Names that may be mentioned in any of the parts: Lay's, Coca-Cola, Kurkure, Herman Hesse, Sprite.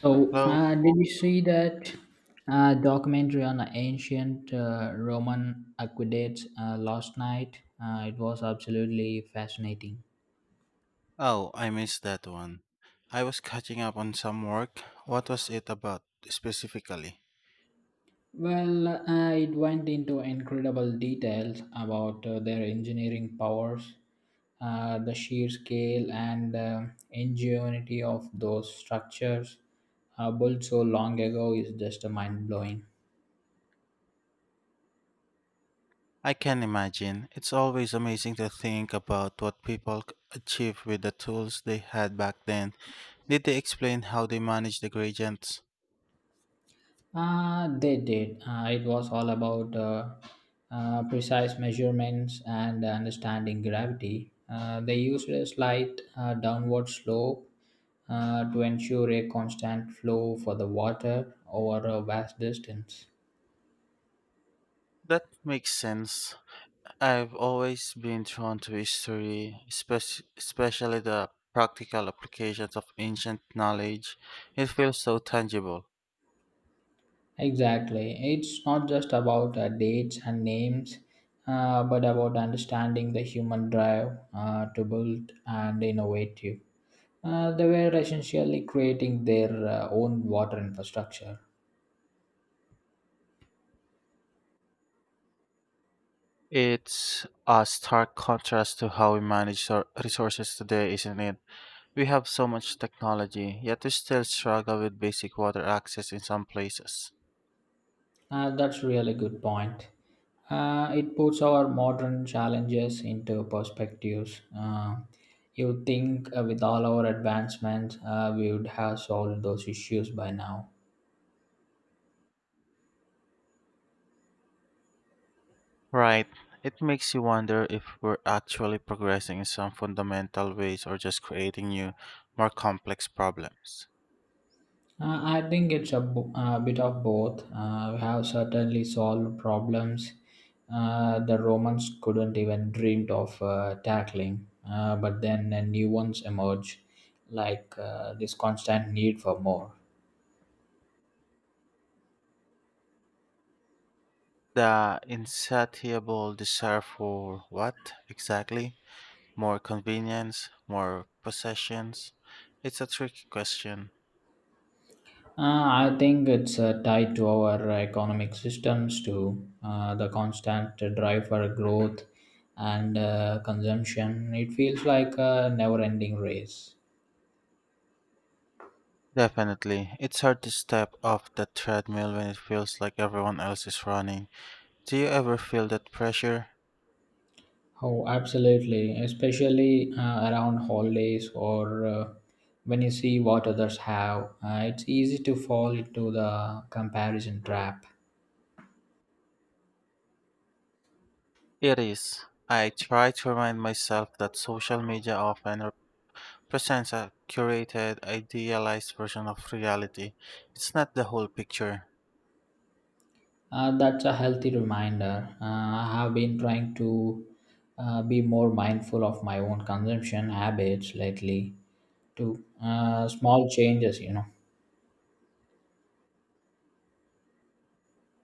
So, Hello. Did you see that documentary on the ancient Roman aqueducts last night? It was absolutely fascinating. Oh, I missed that one. I was catching up on some work. What was it about specifically? Well, it went into incredible details about their engineering powers, the sheer scale and ingenuity of those structures built so long ago is just mind blowing. I can imagine. It's always amazing to think about what people achieved with the tools they had back then. Did they explain how they managed the gradients? They did. It was all about precise measurements and understanding gravity. They used a slight downward slope to ensure a constant flow for the water over a vast distance. That makes sense. I've always been drawn to history, especially the practical applications of ancient knowledge. It feels so tangible. Exactly. It's not just about dates and names, but about understanding the human drive to build and innovative. They were essentially creating their own water infrastructure. It's a stark contrast to how we manage our resources today, isn't it? We have so much technology, yet we still struggle with basic water access in some places. That's really good point. It puts our modern challenges into perspectives. You think with all our advancements, we would have solved those issues by now. Right. It makes you wonder if we're actually progressing in some fundamental ways or just creating new, more complex problems. I think it's a, a bit of both. We have certainly solved problems the Romans couldn't even dreamed of tackling, but then new ones emerge, like this constant need for more. The insatiable desire for what exactly? More convenience? More possessions? It's a tricky question. I think it's tied to our economic systems too. The constant drive for growth and consumption. It feels like a never-ending race. Definitely. It's hard to step off the treadmill when it feels like everyone else is running. Do you ever feel that pressure? Oh, absolutely, especially around holidays or when you see what others have. It's easy to fall into the comparison trap. It is. I try to remind myself that social media often presents a curated, idealized version of reality. It's not the whole picture. That's a healthy reminder. I have been trying to be more mindful of my own consumption habits lately, too. Small changes,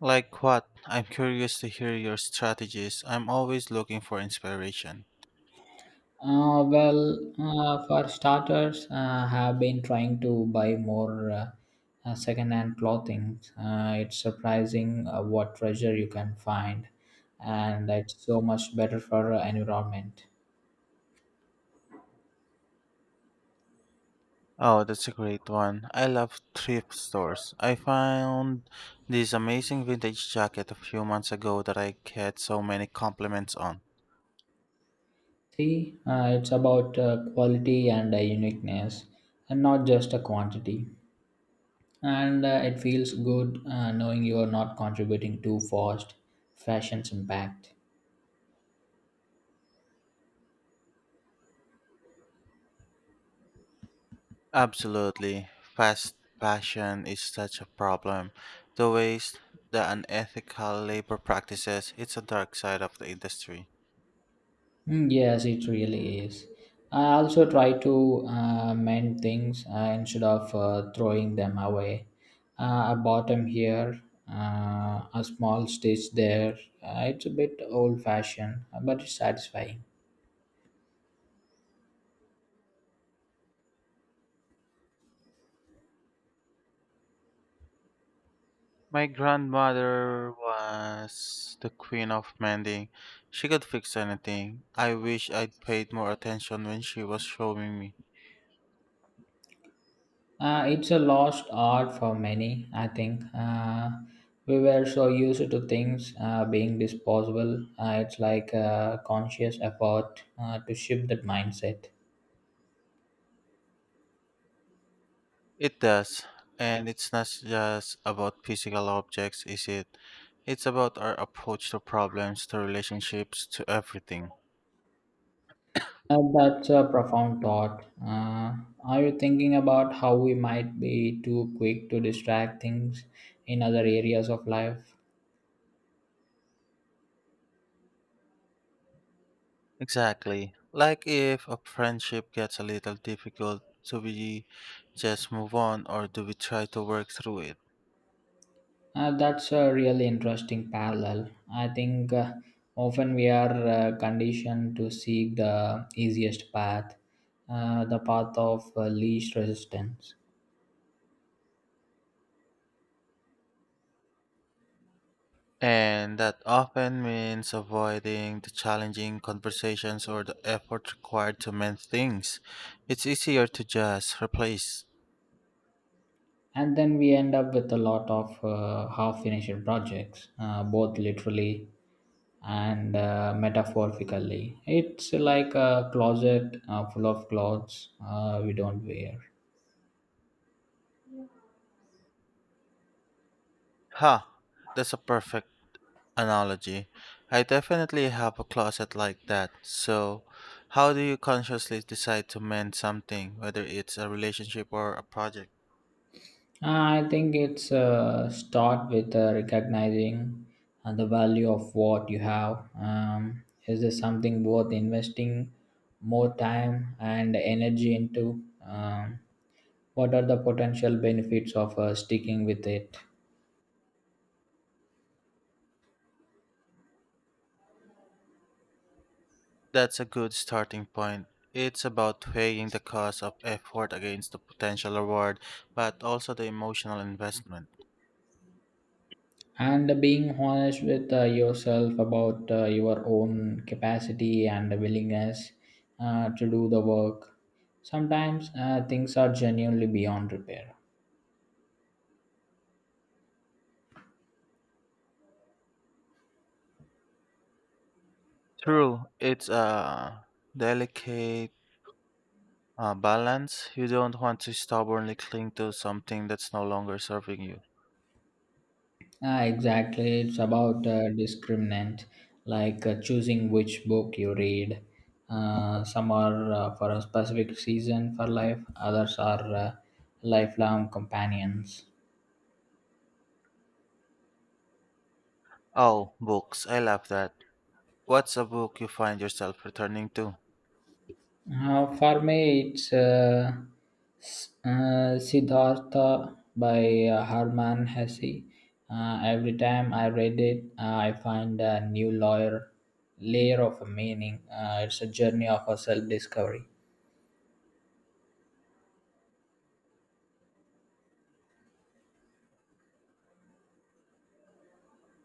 Like what? I'm curious to hear your strategies. I'm always looking for inspiration. Well, for starters, have been trying to buy more second-hand clothing. It's surprising what treasure you can find, and it's so much better for environment. Oh, that's a great one. I love thrift stores. I found this amazing vintage jacket a few months ago that I get so many compliments on. See, it's about quality and uniqueness, and not just a quantity. And it feels good knowing you are not contributing too fast fashion's impact. Absolutely. Fast fashion is such a problem. The waste, the unethical labor practices, it's a dark side of the industry. Mm, yes, it really is. I also try to mend things instead of throwing them away. A bottom here, a small stitch there. It's a bit old fashioned, but it's satisfying. My grandmother was the queen of mending. She could fix anything. I wish I'd paid more attention when she was showing me. It's a lost art for many, I think. We were so used to things being disposable. It's like a conscious effort to shift that mindset. It does. And it's not just about physical objects, is it? It's about our approach to problems, to relationships, to everything. That's a profound thought. Are you thinking about how we might be too quick to distract things in other areas of life? Exactly. Like if a friendship gets a little difficult, do we just move on or do we try to work through it? That's a really interesting parallel. I think often we are conditioned to seek the easiest path, the path of least resistance. And that often means avoiding the challenging conversations or the effort required to mend things. It's easier to just replace. And then we end up with a lot of half finished projects, both literally and metaphorically it's like a closet full of clothes we don't wear. Ha! That's a perfect analogy. I definitely have a closet like that. So, how do you consciously decide to mend something, whether it's a relationship or a project? I think it's start with recognizing the value of what you have, um, is this something worth investing more time and energy into, um, what are the potential benefits of sticking with it, That's a good starting point. It's about weighing the cost of effort against the potential reward, but also the emotional investment. and being honest with yourself about your own capacity and willingness to do the work. Sometimes things are genuinely beyond repair. True, it's a delicate balance. You don't want to stubbornly cling to something that's no longer serving you. Ah, exactly. It's about discriminant, like choosing which book you read. Some are for a specific season for life, others are lifelong companions. Oh, books. I love that. What's a book you find yourself returning to? For me, it's Siddhartha by Herman Hesse. Every time I read it, I find a new layer of a meaning. It's a journey of a self-discovery.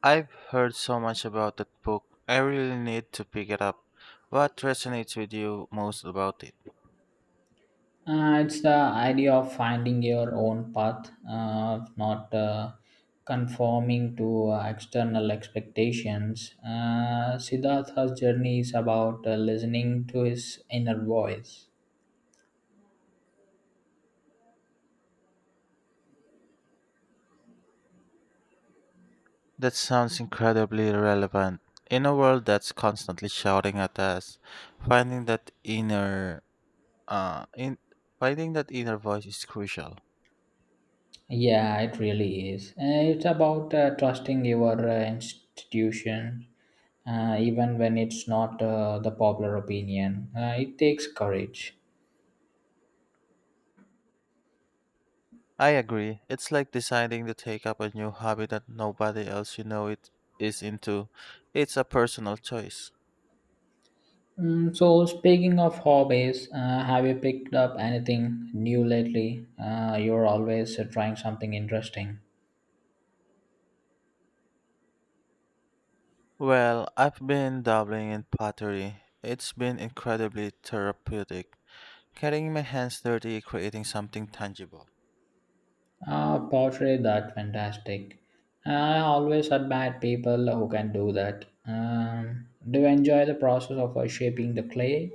I've heard so much about that book. I really need to pick it up. What resonates with you most about it? It's the idea of finding your own path, of not conforming to external expectations. Siddhartha's journey is about listening to his inner voice. That sounds incredibly relevant. In a world that's constantly shouting at us, finding that inner uh in finding that inner voice is crucial. Yeah, it really is. It's about trusting your institution, even when it's not the popular opinion. It takes courage. I agree. It's like deciding to take up a new hobby that nobody else you know it is into. It's a personal choice. Mm, so, speaking of hobbies, have you picked up anything new lately? You're always trying something interesting. Well, I've been dabbling in pottery. It's been incredibly therapeutic. Getting my hands dirty, creating something tangible. Ah, pottery, that fantastic. I always admire people who can do that. Do you enjoy the process of shaping the clay?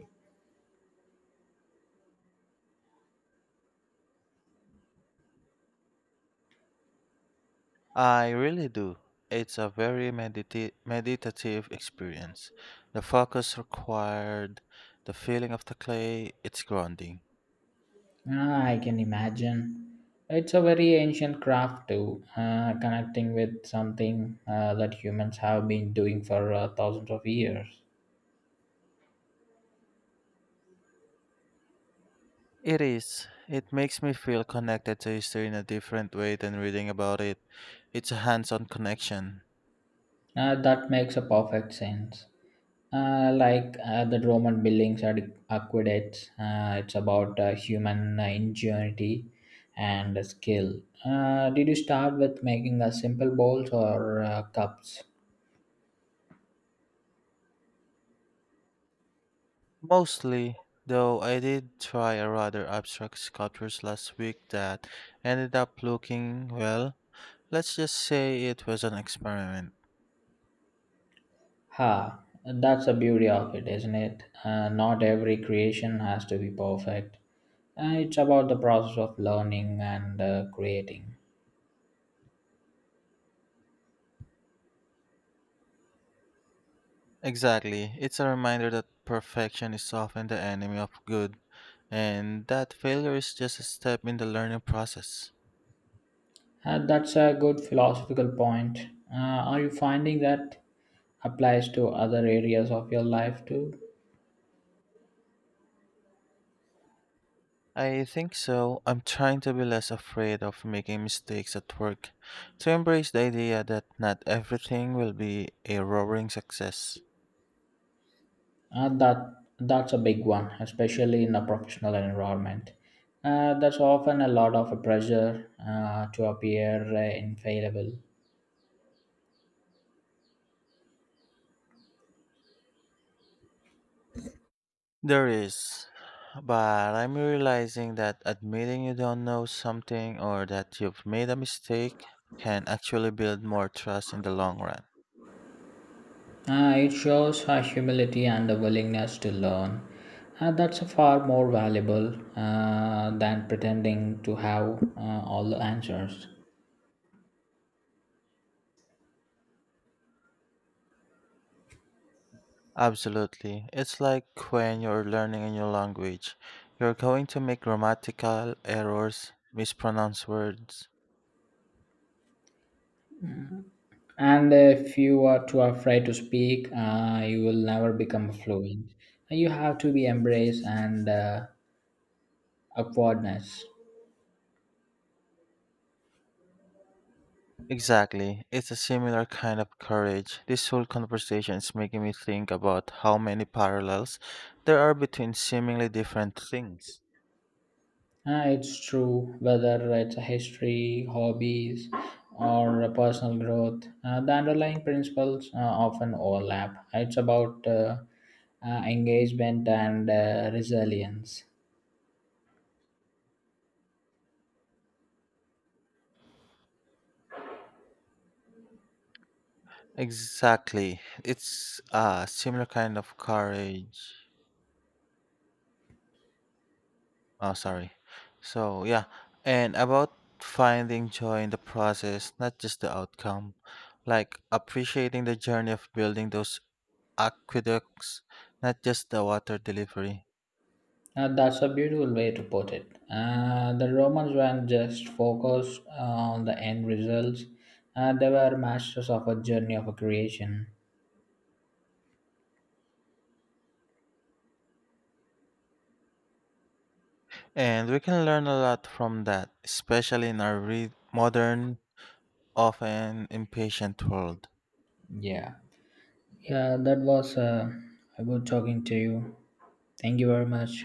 I really do. It's a very meditative experience. The focus required, the feeling of the clay, it's grounding. Ah, I can imagine. It's a very ancient craft too, connecting with something that humans have been doing for thousands of years. It is. It makes me feel connected to history in a different way than reading about it. It's a hands on connection. That makes a perfect sense. Like the Roman buildings are aqueducts, it's about human ingenuity and skill. Did you start with making simple bowls or cups? Mostly, though, I did try a rather abstract sculptures last week that ended up looking, well, let's just say it was an experiment. Ha, that's the beauty of it, isn't it? Not every creation has to be perfect. It's about the process of learning and creating. Exactly. It's a reminder that perfection is often the enemy of good, and that failure is just a step in the learning process. That's a good philosophical point. Are you finding that applies to other areas of your life too? I think so. I'm trying to be less afraid of making mistakes at work, to embrace the idea that not everything will be a roaring success. Uh, that that's a big one, especially in a professional environment. There's often a lot of pressure to appear infallible. There is, but I'm realizing that admitting you don't know something or that you've made a mistake can actually build more trust in the long run. It shows her humility and a willingness to learn. That's far more valuable than pretending to have all the answers. Absolutely. It's like when you're learning a new language. You're going to make grammatical errors, mispronounce words. And if you are too afraid to speak, you will never become fluent. Ah, you have to be embraced and upwardness. Exactly. It's a similar kind of courage. This whole conversation is making me think about how many parallels there are between seemingly different things. Ah, it's true, whether it's a history, hobbies, or a personal growth, the underlying principles often overlap. It's about engagement and resilience. Exactly. It's a similar kind of courage. Oh, sorry. So, yeah. And about finding joy in the process, not just the outcome. Like appreciating the journey of building those aqueducts, not just the water delivery. That's a beautiful way to put it. The Romans weren't just focused ah, on the end results, they were masters of a journey of a creation. And we can learn a lot from that, especially in our modern, often impatient world. Yeah. Yeah, that was good talking to you. Thank you very much.